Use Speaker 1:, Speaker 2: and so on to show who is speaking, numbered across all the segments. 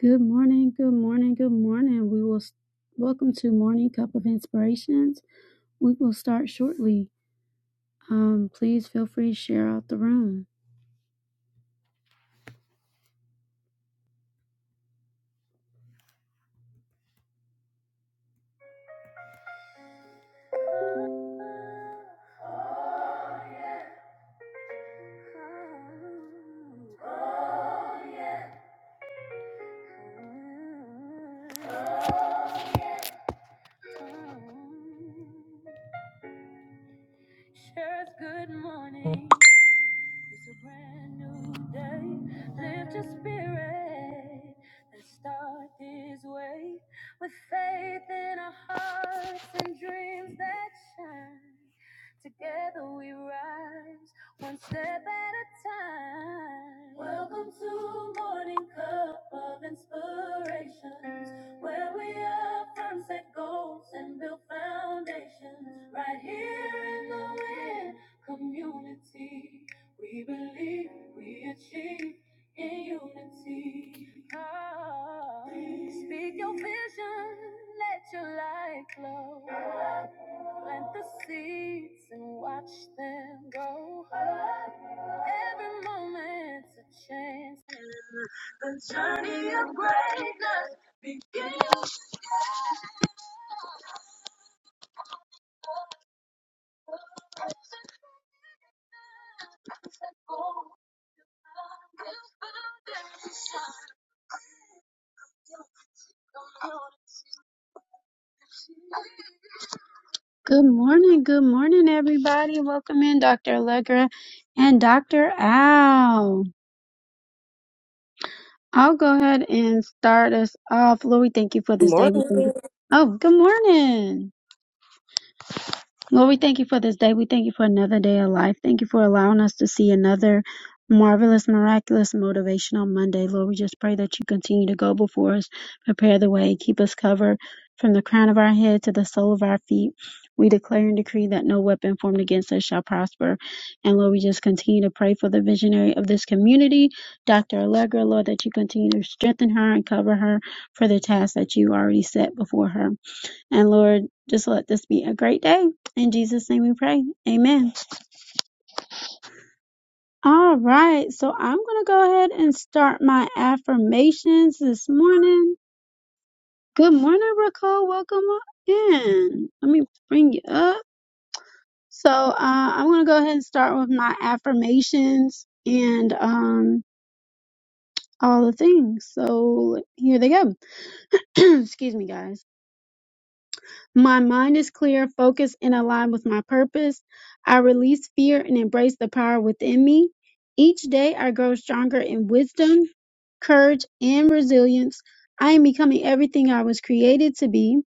Speaker 1: Good morning, good morning, good morning. We will welcome to Morning Cup of Inspirations. We will start shortly. Um, please feel free to share out the room. Good morning, good morning, everybody. Welcome in, Dr. Allegra and Dr. Al. I'll go ahead and start us off. Lord, we thank you for this day. We
Speaker 2: Morning.
Speaker 1: thank you. Oh, good morning. Lord, we thank you for this day. We thank you for another day of life. Thank you for allowing us to see another marvelous, miraculous, motivational Monday. Lord, we just pray that you continue to go before us, prepare the way, keep us covered from the crown of our head to the sole of our feet. We declare and decree that no weapon formed against us shall prosper. And Lord, we just continue to pray for the visionary of this community, Dr. Allegra, Lord, that you continue to strengthen her and cover her for the task that you already set before her. And Lord, just let this be a great day. In Jesus' name we pray. Amen. All right. So I'm going to go ahead and start my affirmations this morning. Good morning, Raquel. Welcome in. Let me bring you up. So uh, I'm going to go ahead and start with my affirmations and um, all the things. So here they go. Excuse me, guys. My mind is clear, focused, and aligned with my purpose. I release fear and embrace the power within me. Each day I grow stronger in wisdom, courage, and resilience. I am becoming everything I was created to be.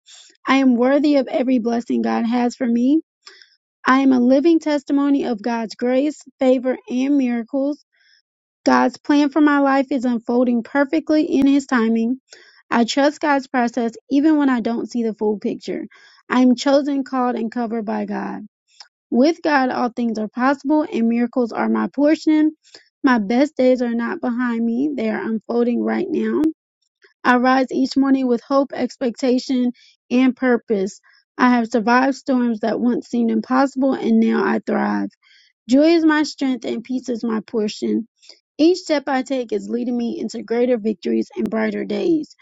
Speaker 1: I am worthy of every blessing God has for me. I am a living testimony of God's grace, favor, and miracles. God's plan for my life is unfolding perfectly in His timing. I trust God's process even when I don't see the full picture. I am chosen, called, and covered by God. With God, all things are possible and miracles are my portion. My best days are not behind me, they are unfolding right now. I rise each morning with hope, expectation, and purpose. I have survived storms that once seemed impossible and now I thrive. Joy is my strength and peace is my portion. Each step I take is leading me into greater victories and brighter days.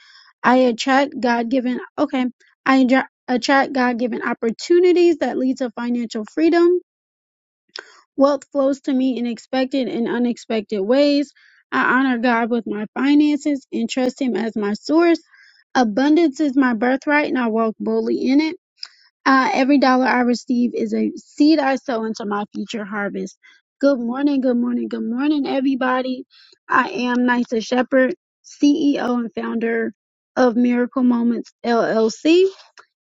Speaker 1: I attract God-given okay. I adra- attract God-given opportunities that lead to financial freedom. Wealth flows to me in expected and unexpected ways. I honor God with my finances and trust Him as my source. Abundance is my birthright, and I walk boldly in it. Uh, every dollar I receive is a seed I sow into my future harvest. Good morning, good morning, good morning, everybody. I am Nysa Shepherd, CEO and founder of Miracle Moments LLC.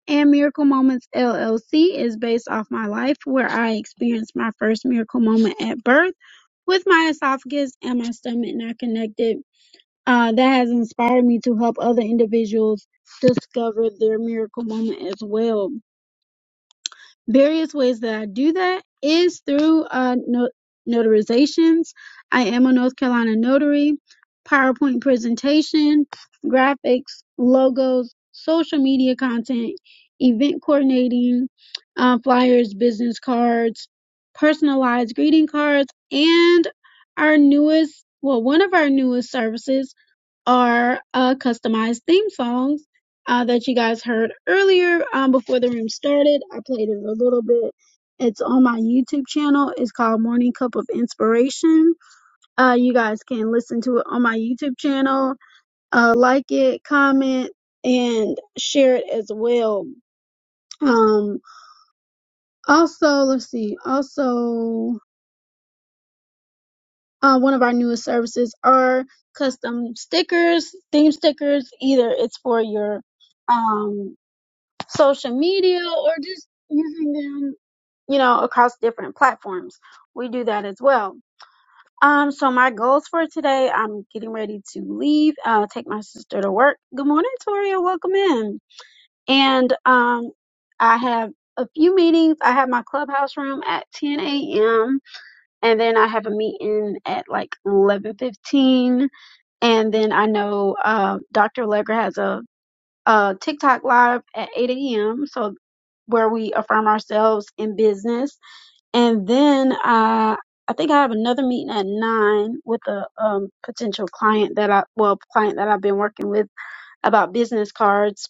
Speaker 1: And Miracle Moments LLC is based off my life where I experienced my first miracle moment at birth with my esophagus and my stomach not connected. Uh, that has inspired me to help other individuals discover their miracle moment as well various ways that I do that is through uh, no- notarizations. I am a North Carolina notary, PowerPoint presentation, graphics, logos, social media content, event coordinating, uh, flyers, business cards, personalized greeting cards, and our newest, well, one of our newest services are uh, customized theme songs uh, that you guys heard earlier um, before the room started. I played it a little bit. It's on my YouTube channel. It's called Morning Cup of Inspiration. Uh, you guys can listen to it on my YouTube channel. Uh, like it, comment, and share it as well. Um, also, let's see. Also, uh, one of our newest services are custom stickers, theme stickers. Either it's for your um social media or just using them, you know, across different platforms. We do that as well. Um, so my goals for today, I'm getting ready to leave, uh, take my sister to work. Good morning, Toria. Welcome in. And, um, I have a few meetings. I have my clubhouse room at 10 a.m. and then I have a meeting at like 11:15. And then I know, uh, Dr. Legger has a uh, TikTok live at 8 a.m. So where we affirm ourselves in business. And then I, I think I have another meeting at nine with a um, potential client that I, well, client that I've been working with about business cards.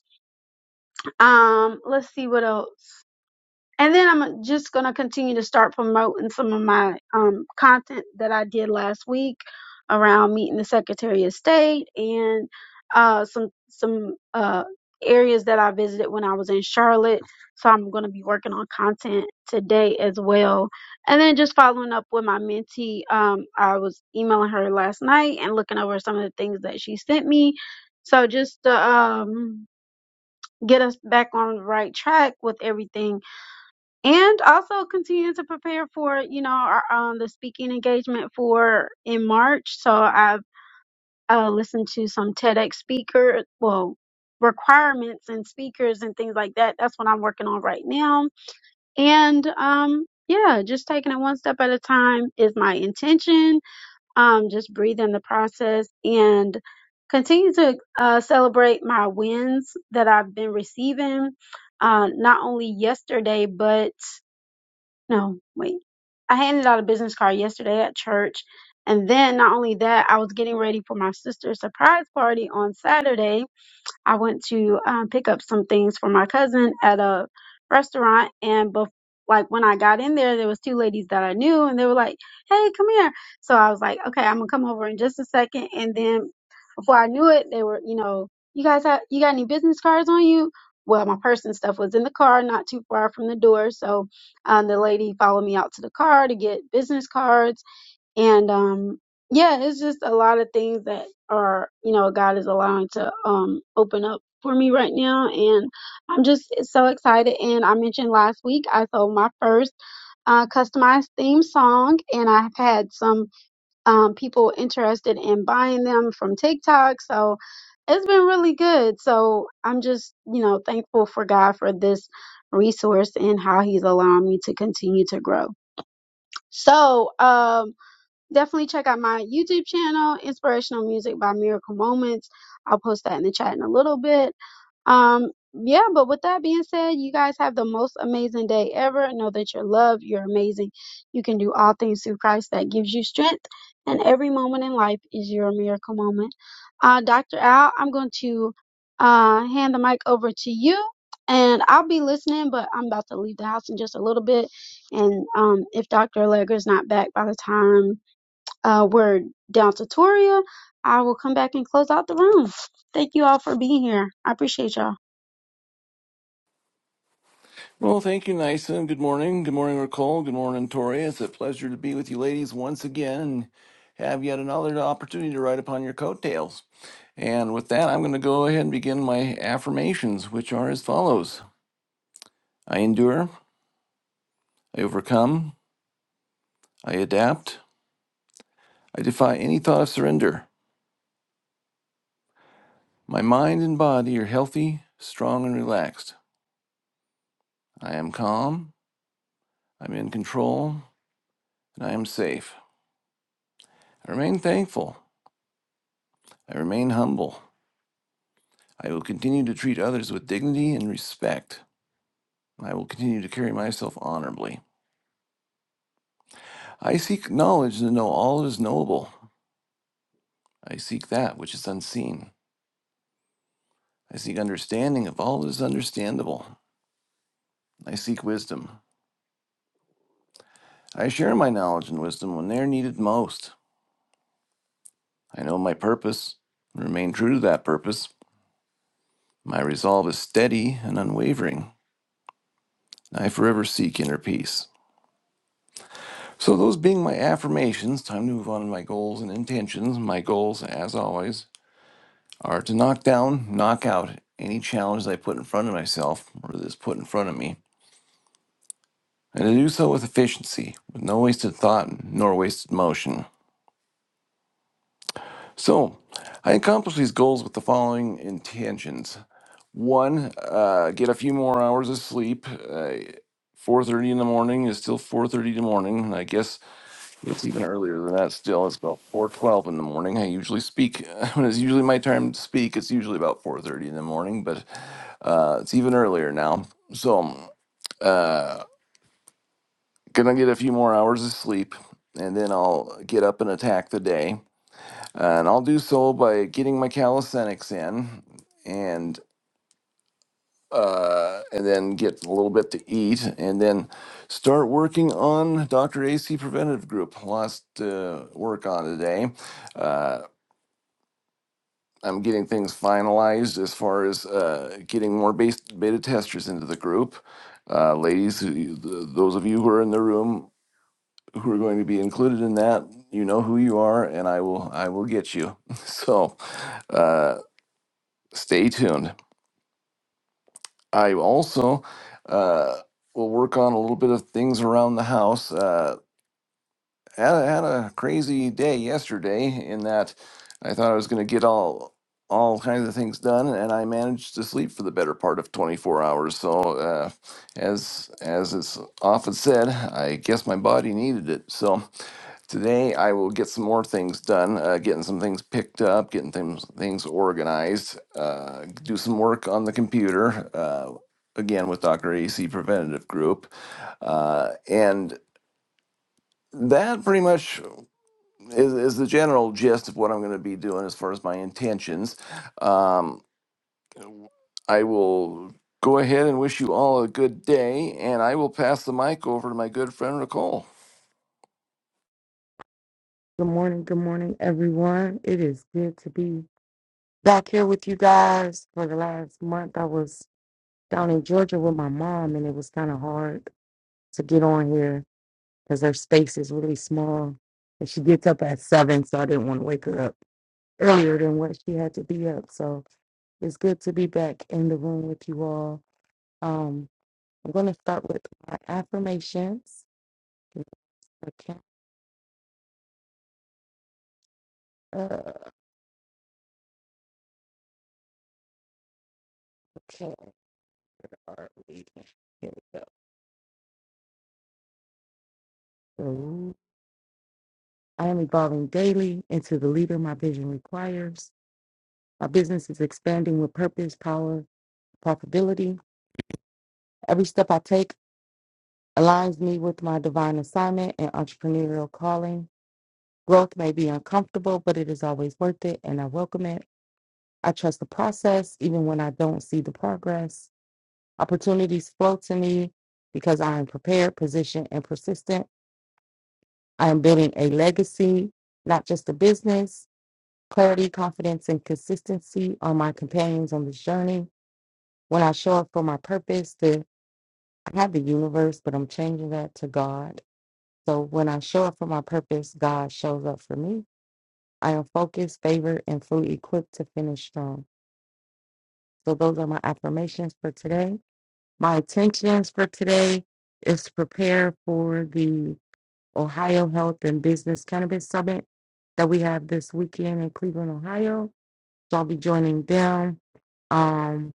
Speaker 1: Um, let's see what else. And then I'm just going to continue to start promoting some of my um, content that I did last week around meeting the Secretary of State and uh, some some uh, areas that I visited when I was in Charlotte. So I'm going to be working on content today as well. And then just following up with my mentee, um, I was emailing her last night and looking over some of the things that she sent me. So just to um, get us back on the right track with everything and also continue to prepare for you know our, um, the speaking engagement for in march so i've uh, listened to some tedx speaker well requirements and speakers and things like that that's what i'm working on right now and um yeah just taking it one step at a time is my intention um just breathe in the process and continue to uh, celebrate my wins that i've been receiving uh, not only yesterday but no, wait. I handed out a business card yesterday at church. And then not only that, I was getting ready for my sister's surprise party on Saturday. I went to um, pick up some things for my cousin at a restaurant, and bef- like when I got in there, there was two ladies that I knew, and they were like, "Hey, come here." So I was like, "Okay, I'm gonna come over in just a second." And then before I knew it, they were, you know, "You guys have you got any business cards on you?" Well, my purse and stuff was in the car, not too far from the door, so um, the lady followed me out to the car to get business cards and um yeah it's just a lot of things that are you know god is allowing to um open up for me right now and i'm just so excited and i mentioned last week i sold my first uh customized theme song and i've had some um people interested in buying them from tiktok so it's been really good so i'm just you know thankful for god for this resource and how he's allowing me to continue to grow so um definitely check out my YouTube channel, Inspirational Music by Miracle Moments. I'll post that in the chat in a little bit. Um, yeah, but with that being said, you guys have the most amazing day ever. Know that you're loved, you're amazing. You can do all things through Christ that gives you strength, and every moment in life is your miracle moment. Uh, Dr. Al, I'm going to uh, hand the mic over to you, and I'll be listening, but I'm about to leave the house in just a little bit. And um, if Dr. Allegra's not back by the time uh, we're down to Toria. I will come back and close out the room. Thank you all for being here. I appreciate y'all.
Speaker 3: Well, thank you, Nyson. Good morning. Good morning, Nicole. Good morning, Tori. It's a pleasure to be with you ladies once again and have yet another opportunity to ride upon your coattails. And with that, I'm going to go ahead and begin my affirmations, which are as follows I endure, I overcome, I adapt, I defy any thought of surrender. My mind and body are healthy, strong, and relaxed. I am calm, I'm in control, and I am safe. I remain thankful, I remain humble. I will continue to treat others with dignity and respect. I will continue to carry myself honorably. I seek knowledge to know all that is knowable. I seek that which is unseen. I seek understanding of all that is understandable. I seek wisdom. I share my knowledge and wisdom when they are needed most. I know my purpose and remain true to that purpose. My resolve is steady and unwavering. I forever seek inner peace. So, those being my affirmations, time to move on to my goals and intentions. My goals, as always, are to knock down, knock out any challenges I put in front of myself or that is put in front of me, and to do so with efficiency, with no wasted thought nor wasted motion. So, I accomplish these goals with the following intentions: one, uh, get a few more hours of sleep. Uh, 4:30 in the morning is still 4:30 in the morning, and I guess It's even earlier than that still. It's about four twelve in the morning. I usually speak when it's usually my time to speak. It's usually about four thirty in the morning, but uh, it's even earlier now. So um, uh, gonna get a few more hours of sleep, and then I'll get up and attack the day. And I'll do so by getting my calisthenics in, and uh, and then get a little bit to eat, and then start working on Dr. AC Preventative Group. Lots to work on today. Uh, I'm getting things finalized as far as uh, getting more base, beta testers into the group. Uh, ladies, who th- those of you who are in the room who are going to be included in that, you know who you are, and I will I will get you. So uh, stay tuned. I also uh, will work on a little bit of things around the house. Uh, had a, had a crazy day yesterday in that I thought I was going to get all all kinds of things done, and I managed to sleep for the better part of 24 hours. So, uh, as as is often said, I guess my body needed it. So today I will get some more things done, uh, getting some things picked up, getting things things organized, uh, do some work on the computer. Uh, Again, with Dr. AC Preventative Group. Uh, and that pretty much is, is the general gist of what I'm going to be doing as far as my intentions. Um, I will go ahead and wish you all a good day, and I will pass the mic over to my good friend Nicole.
Speaker 4: Good morning, good morning, everyone. It is good to be back here with you guys. For the last month, I was down in Georgia with my mom, and it was kind of hard to get on here because her space is really small. And she gets up at seven, so I didn't want to wake her up earlier than what she had to be up. So it's good to be back in the room with you all. Um, I'm going to start with my affirmations. Okay, uh, okay, all right, here we go. I am evolving daily into the leader my vision requires. My business is expanding with purpose, power, profitability. Every step I take aligns me with my divine assignment and entrepreneurial calling. Growth may be uncomfortable, but it is always worth it, and I welcome it. I trust the process even when I don't see the progress. Opportunities flow to me because I am prepared, positioned, and persistent. I am building a legacy, not just a business. clarity, confidence, and consistency are my companions on this journey. When I show up for my purpose, the I have the universe, but I'm changing that to God. So when I show up for my purpose, God shows up for me. I am focused, favored, and fully equipped to finish strong. So those are my affirmations for today. My intentions for today is to prepare for the Ohio Health and Business Cannabis Summit that we have this weekend in Cleveland, Ohio. So I'll be joining them. Um,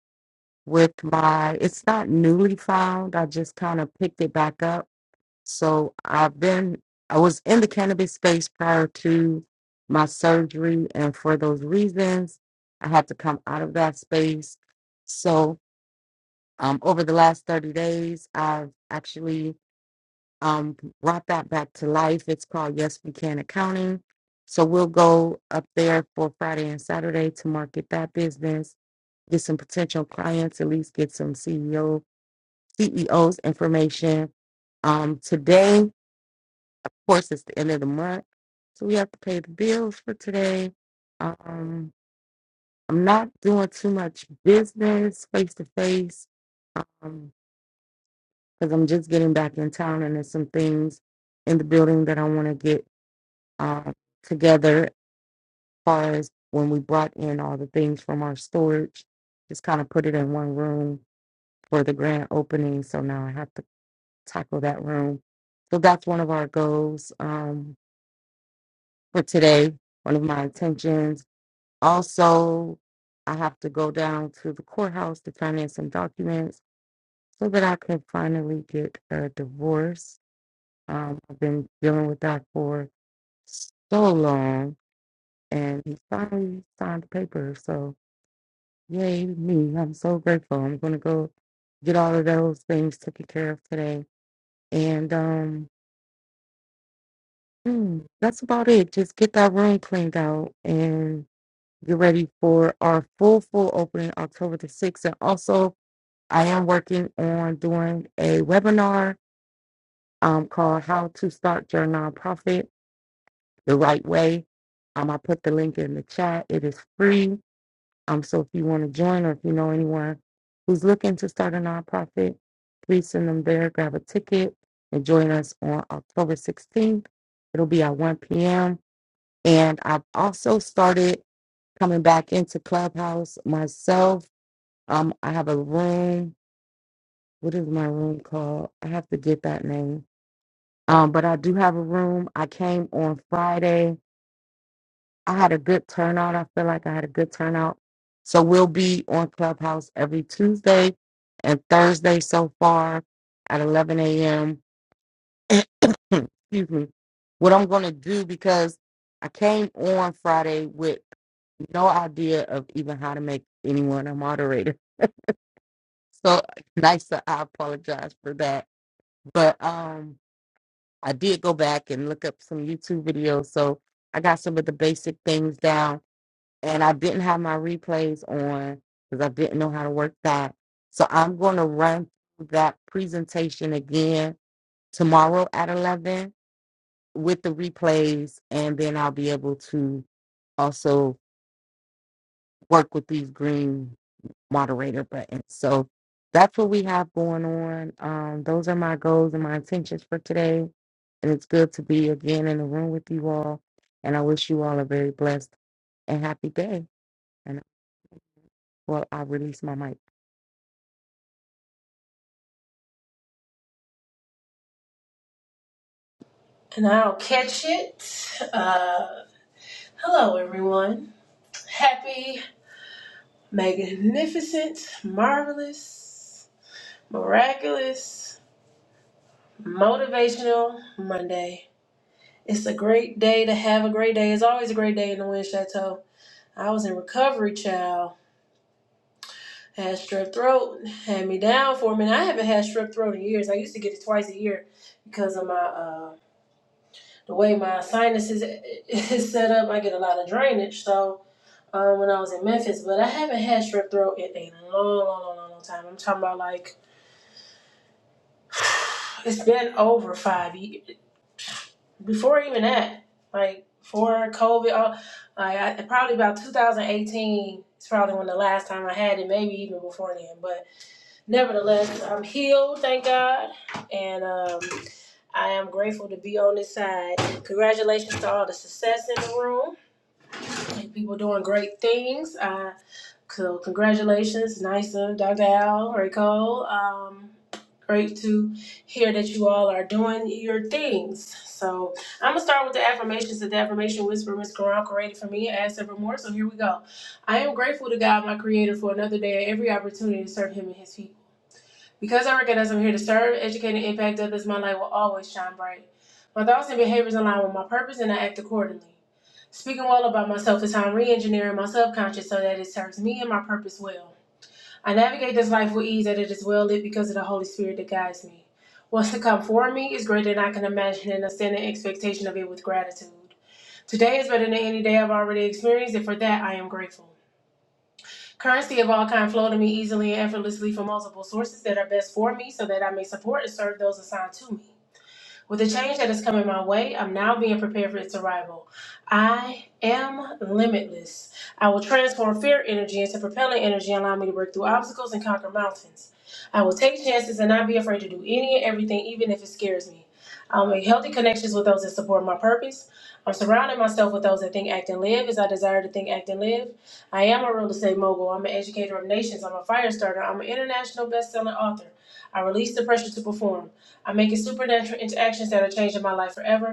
Speaker 4: with my it's not newly found i just kind of picked it back up so i've been i was in the cannabis space prior to my surgery and for those reasons i had to come out of that space so um, over the last 30 days i've actually um, brought that back to life it's called yes we can accounting so we'll go up there for friday and saturday to market that business get some potential clients at least get some ceo CEO's information. Um, today, of course, it's the end of the month, so we have to pay the bills for today. Um, I'm not doing too much business face to face because I'm just getting back in town, and there's some things in the building that I want to get uh together. As far as when we brought in all the things from our storage, just kind of put it in one room for the grand opening. So now I have to tackle that room. So that's one of our goals um, for today, one of my intentions. Also, I have to go down to the courthouse to finance some documents so that I can finally get a divorce. Um, I've been dealing with that for so long, and he finally signed the paper. So, yay, me. I'm so grateful. I'm going to go get all of those things taken care of today. And, um, Mm, that's about it. Just get that room cleaned out and get ready for our full, full opening October the 6th. And also, I am working on doing a webinar um, called How to Start Your Nonprofit the Right Way. Um, I put the link in the chat. It is free. Um, so if you want to join or if you know anyone who's looking to start a nonprofit, please send them there, grab a ticket, and join us on October 16th. It'll be at 1 p.m. And I've also started coming back into Clubhouse myself. Um, I have a room. What is my room called? I have to get that name. Um, but I do have a room. I came on Friday. I had a good turnout. I feel like I had a good turnout. So we'll be on Clubhouse every Tuesday and Thursday so far at 11 a.m. Excuse me. What I'm going to do because I came on Friday with no idea of even how to make anyone a moderator. So nice. I apologize for that. But um, I did go back and look up some YouTube videos. So I got some of the basic things down, and I didn't have my replays on because I didn't know how to work that. So I'm going to run through that presentation again tomorrow at 11 with the replays, and then I'll be able to also work with these green moderator button. So that's what we have going on. Um, those are my goals and my intentions for today. And it's good to be again in the room with you all. And I wish you all a very blessed and happy day. And well, I'll release my mic.
Speaker 5: and I'll catch it. Uh, hello, everyone. Happy, magnificent, marvelous, miraculous, motivational Monday. It's a great day to have a great day. It's always a great day in the Wind Chateau. I was in recovery, child. Had strep throat, had me down for a minute. I haven't had strep throat in years. I used to get it twice a year because of my uh, the way my sinuses is set up. I get a lot of drainage, so um, when I was in Memphis, but I haven't had strep throat in a long, long, long, long, time. I'm talking about like it's been over five years before even that, like before COVID. All, like I, probably about 2018 is probably when the last time I had it, maybe even before then. But nevertheless, I'm healed, thank God, and um, I am grateful to be on this side. Congratulations to all the success in the room. People doing great things. I So congratulations, Nyson, Dr. Al, Ray Cole. Um, great to hear that you all are doing your things. So I'm gonna start with the affirmations that the affirmation whisper Miss Quran created for me as ever more. So here we go. I am grateful to God, my creator, for another day and every opportunity to serve him and his people. Because I recognize I'm here to serve, educate, and impact others, my light will always shine bright. My thoughts and behaviors align with my purpose, and I act accordingly. Speaking well about myself is how I'm re engineering my subconscious so that it serves me and my purpose well. I navigate this life with ease, that it is well lit because of the Holy Spirit that guides me. What's to come for me is greater than I can imagine, and I stand in expectation of it with gratitude. Today is better than any day I've already experienced, and for that I am grateful. Currency of all kind flow to me easily and effortlessly from multiple sources that are best for me so that I may support and serve those assigned to me. With the change that is coming my way, I'm now being prepared for its arrival. I am limitless. I will transform fear energy into propelling energy, allowing me to work through obstacles and conquer mountains. I will take chances and not be afraid to do any and everything, even if it scares me. I'll make healthy connections with those that support my purpose. I'm surrounding myself with those that think, act, and live as I desire to think, act, and live. I am a real estate mogul. I'm an educator of nations. I'm a fire starter. I'm an international best-selling author. I release the pressure to perform. I'm making supernatural interactions that are changing my life forever.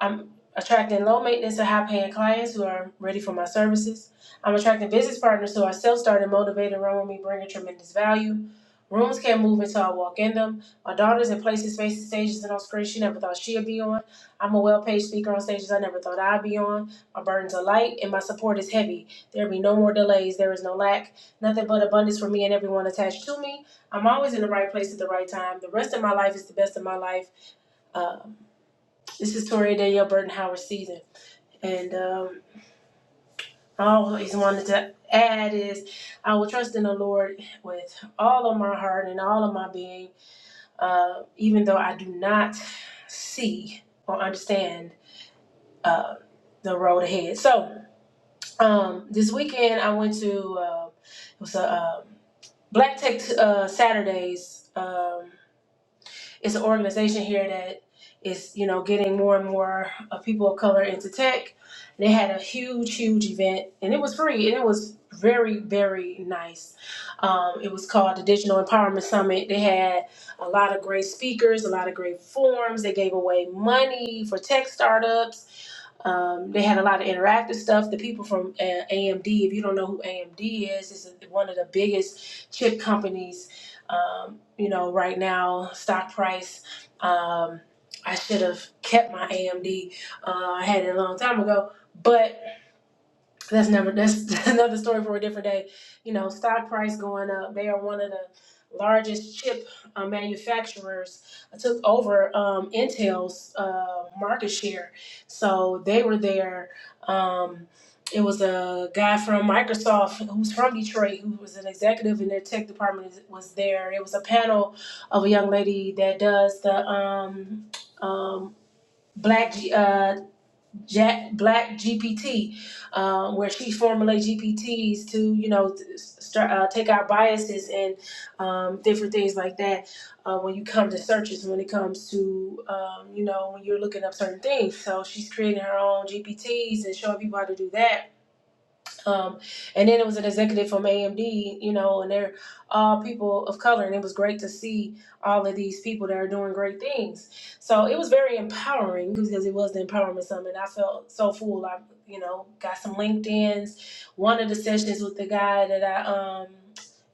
Speaker 5: I'm attracting low maintenance and high paying clients who are ready for my services. I'm attracting business partners who are self started, motivated, and run with me, bringing tremendous value. Rooms can't move until I walk in them. My daughter's in places, spaces, stages, and on screens she never thought she'd be on. I'm a well paid speaker on stages I never thought I'd be on. My burdens are light and my support is heavy. There be no more delays. There is no lack. Nothing but abundance for me and everyone attached to me. I'm always in the right place at the right time. The rest of my life is the best of my life. Uh, this is Toria Danielle Burton Howard season. And um, I always wanted to add is I will trust in the Lord with all of my heart and all of my being, uh, even though I do not see or understand uh, the road ahead. So um, this weekend I went to, uh, it was a uh, Black Tech uh, Saturdays. Um, it's an organization here that is you know getting more and more of people of color into tech. They had a huge, huge event, and it was free, and it was very, very nice. Um, it was called the Digital Empowerment Summit. They had a lot of great speakers, a lot of great forums. They gave away money for tech startups. Um, they had a lot of interactive stuff. The people from uh, AMD, if you don't know who AMD is, is one of the biggest chip companies um, you know, right now, stock price, um, I should have kept my AMD. Uh, I had it a long time ago, but that's never that's another story for a different day. You know, stock price going up. They are one of the largest chip uh, manufacturers. uh, Took over um, Intel's uh, market share, so they were there. Um, it was a guy from Microsoft who's from Detroit who was an executive in their tech department was there. It was a panel of a young lady that does the um, um, black. uh, Jack Black GPT, um, where she formulates GPTs to you know th- start uh, take our biases and um, different things like that. Uh, when you come to searches, when it comes to um, you know when you're looking up certain things, so she's creating her own GPTs and showing people how to do that um, and then it was an executive from AMD, you know, and they're all people of color, and it was great to see all of these people that are doing great things. So it was very empowering because it was the empowerment summit. I felt so full. I, you know, got some LinkedIn's. One of the sessions with the guy that I um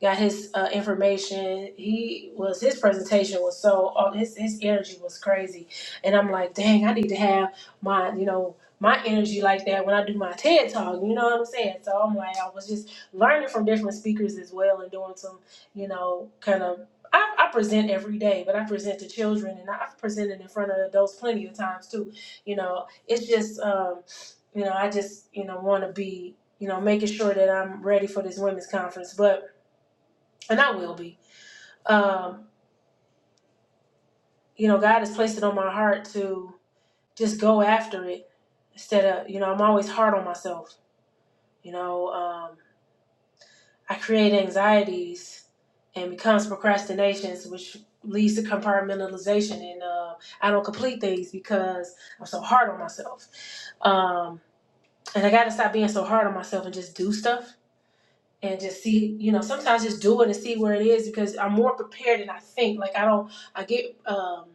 Speaker 5: got his uh, information. He was his presentation was so on his his energy was crazy, and I'm like, dang, I need to have my you know my energy like that when I do my TED talk. You know what I'm saying? So I'm like, I was just learning from different speakers as well and doing some, you know, kind of. I, I present every day, but I present to children and I've presented in front of adults plenty of times too. You know, it's just, um, you know, I just, you know, want to be, you know, making sure that I'm ready for this women's conference, but, and I will be. Um, you know, God has placed it on my heart to just go after it instead of, you know, I'm always hard on myself, you know. um, I create anxieties and becomes procrastinations, which leads to compartmentalization. And uh, I don't complete things because I'm so hard on myself. Um, and I got to stop being so hard on myself and just do stuff and just see, you know, sometimes just do it and see where it is because I'm more prepared than I think. Like I don't, I get, um,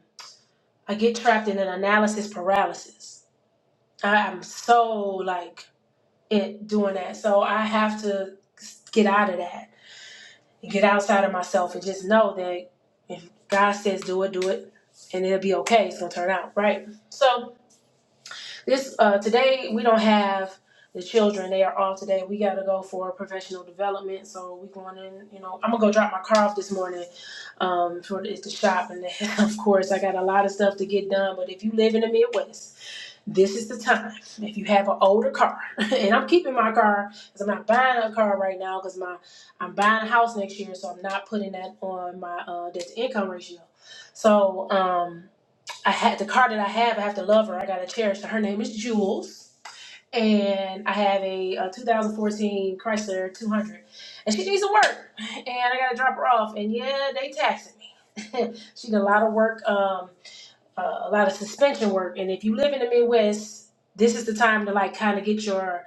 Speaker 5: I get trapped in an analysis paralysis. I, I'm so like it doing that. So I have to get out of that get outside of myself and just know that if God says do it, do it, and it'll be okay. It's gonna turn out right. So this uh, today we don't have the children. They are all today. We gotta go for professional development. So we going in. You know, I'm gonna go drop my car off this morning. Um, for it's the shop, and of course I got a lot of stuff to get done. But if you live in the Midwest this is the time if you have an older car and i'm keeping my car because i'm not buying a car right now because my i'm buying a house next year so i'm not putting that on my uh debt to income ratio so um i had the car that i have i have to love her i gotta cherish her her name is jules and i have a, uh 2014 chrysler 200 and she needs some work and i gotta drop her off and yeah they taxing me she did a lot of work um uh, a lot of suspension work. And if you live in the Midwest, this is the time to like kind of get your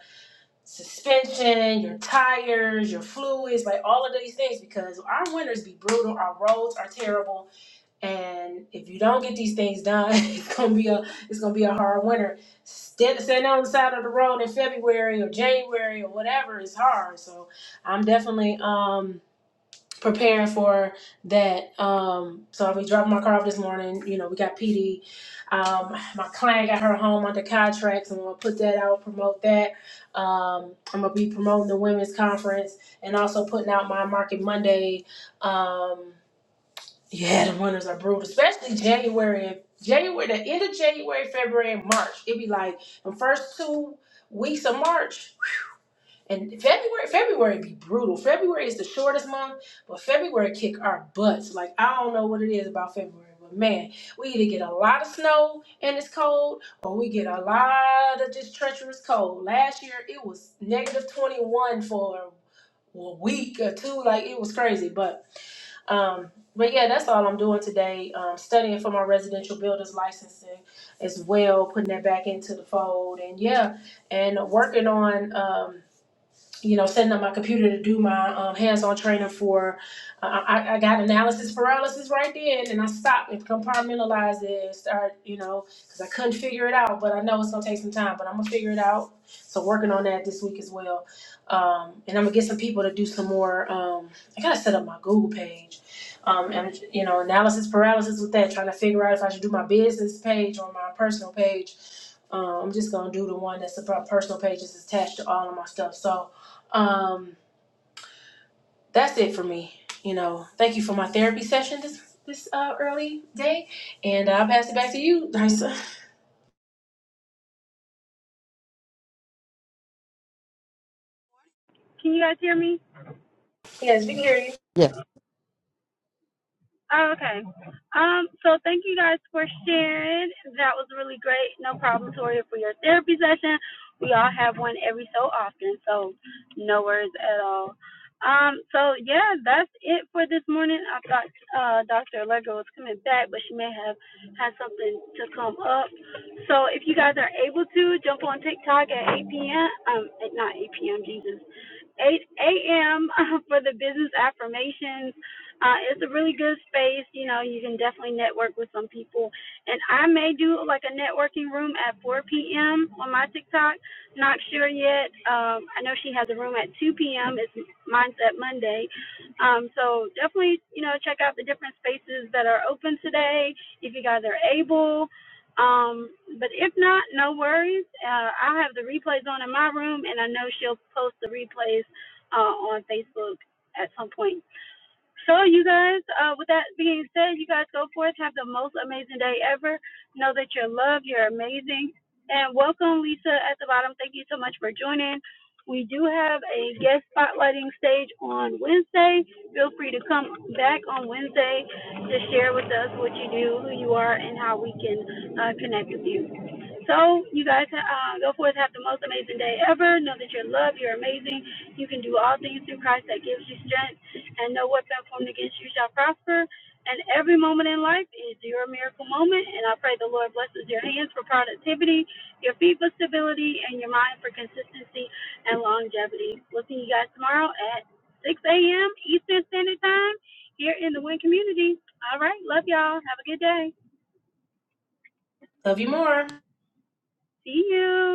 Speaker 5: suspension, your tires, your fluids, like all of these things because our winters be brutal, our roads are terrible, and if you don't get these things done, it's gonna be a it's gonna be a hard winter. Stand, standing on the side of the road in February or January or whatever is hard. So I'm definitely um preparing for that. Um, so I'll be dropping my car off this morning. You know, we got PD. Um, my client got her home under contract, so I'm gonna put that out, promote that. Um, I'm gonna be promoting the women's conference and also putting out my Market Monday. Um, yeah, the winters are brutal, especially January and January, the end of January, February, and March. It'd be like the first two weeks of March and February, February be brutal. February is the shortest month, but February kick our butts. Like I don't know what it is about February, but man, we either get a lot of snow and it's cold, or we get a lot of just treacherous cold. Last year it was negative twenty one for a week or two. Like it was crazy. But um, but yeah, that's all I'm doing today. Um, studying for my residential builder's licensing as well, putting that back into the fold, and yeah, and working on um you know, setting up my computer to do my um, hands-on training for. Uh, I, I got analysis paralysis right then, and I stopped and compartmentalized it and start, you know, because I couldn't figure it out. But I know it's gonna take some time, but I'm gonna figure it out. So working on that this week as well, um, and I'm gonna get some people to do some more. Um, I gotta set up my Google page, um, and you know, analysis paralysis with that, trying to figure out if I should do my business page or my personal page. Um, I'm just gonna do the one that's about personal pages attached to all of my stuff. So um, that's it for me. You know, thank you for my therapy session this this uh, early day, and I'll pass it back to you, Dysa.
Speaker 1: Can you guys hear me?
Speaker 5: Yes, we can hear you.
Speaker 4: Yes.
Speaker 1: Oh, okay. Um, so thank you guys for sharing. That was really great. No problem, Toria, for your therapy session. We all have one every so often, so no worries at all. Um, so yeah, that's it for this morning. I thought uh Dr. Allegra was coming back, but she may have had something to come up. So if you guys are able to jump on TikTok at 8 p.m. Um, at- not 8 p.m. Jesus, 8 a.m. for the business affirmations uh, it's a really good space. You know, you can definitely network with some people. And I may do like a networking room at 4 p.m. on my TikTok. Not sure yet. Um, I know she has a room at 2 p.m. It's Mindset Monday. Um, so definitely, you know, check out the different spaces that are open today if you guys are able. Um, but if not, no worries. Uh, I'll have the replays on in my room, and I know she'll post the replays uh, on Facebook at some point so, you guys, uh, with that being said, you guys go forth, have the most amazing day ever. Know that you're loved, you're amazing. And welcome, Lisa, at the bottom. Thank you so much for joining. We do have a guest spotlighting stage on Wednesday. Feel free to come back on Wednesday to share with us what you do, who you are, and how we can uh, connect with you. So, you guys, uh, go forth, have the most amazing day ever. Know that you're loved, you're amazing. You can do all things through Christ that gives you strength and no weapon formed against you shall prosper. And every moment in life is your miracle moment. And I pray the Lord blesses your hands for productivity, your feet for stability, and your mind for consistency and longevity. We'll see you guys tomorrow at 6 a.m. Eastern Standard Time here in the Wynn community. All right. Love y'all. Have a good day.
Speaker 5: Love you more.
Speaker 1: See you.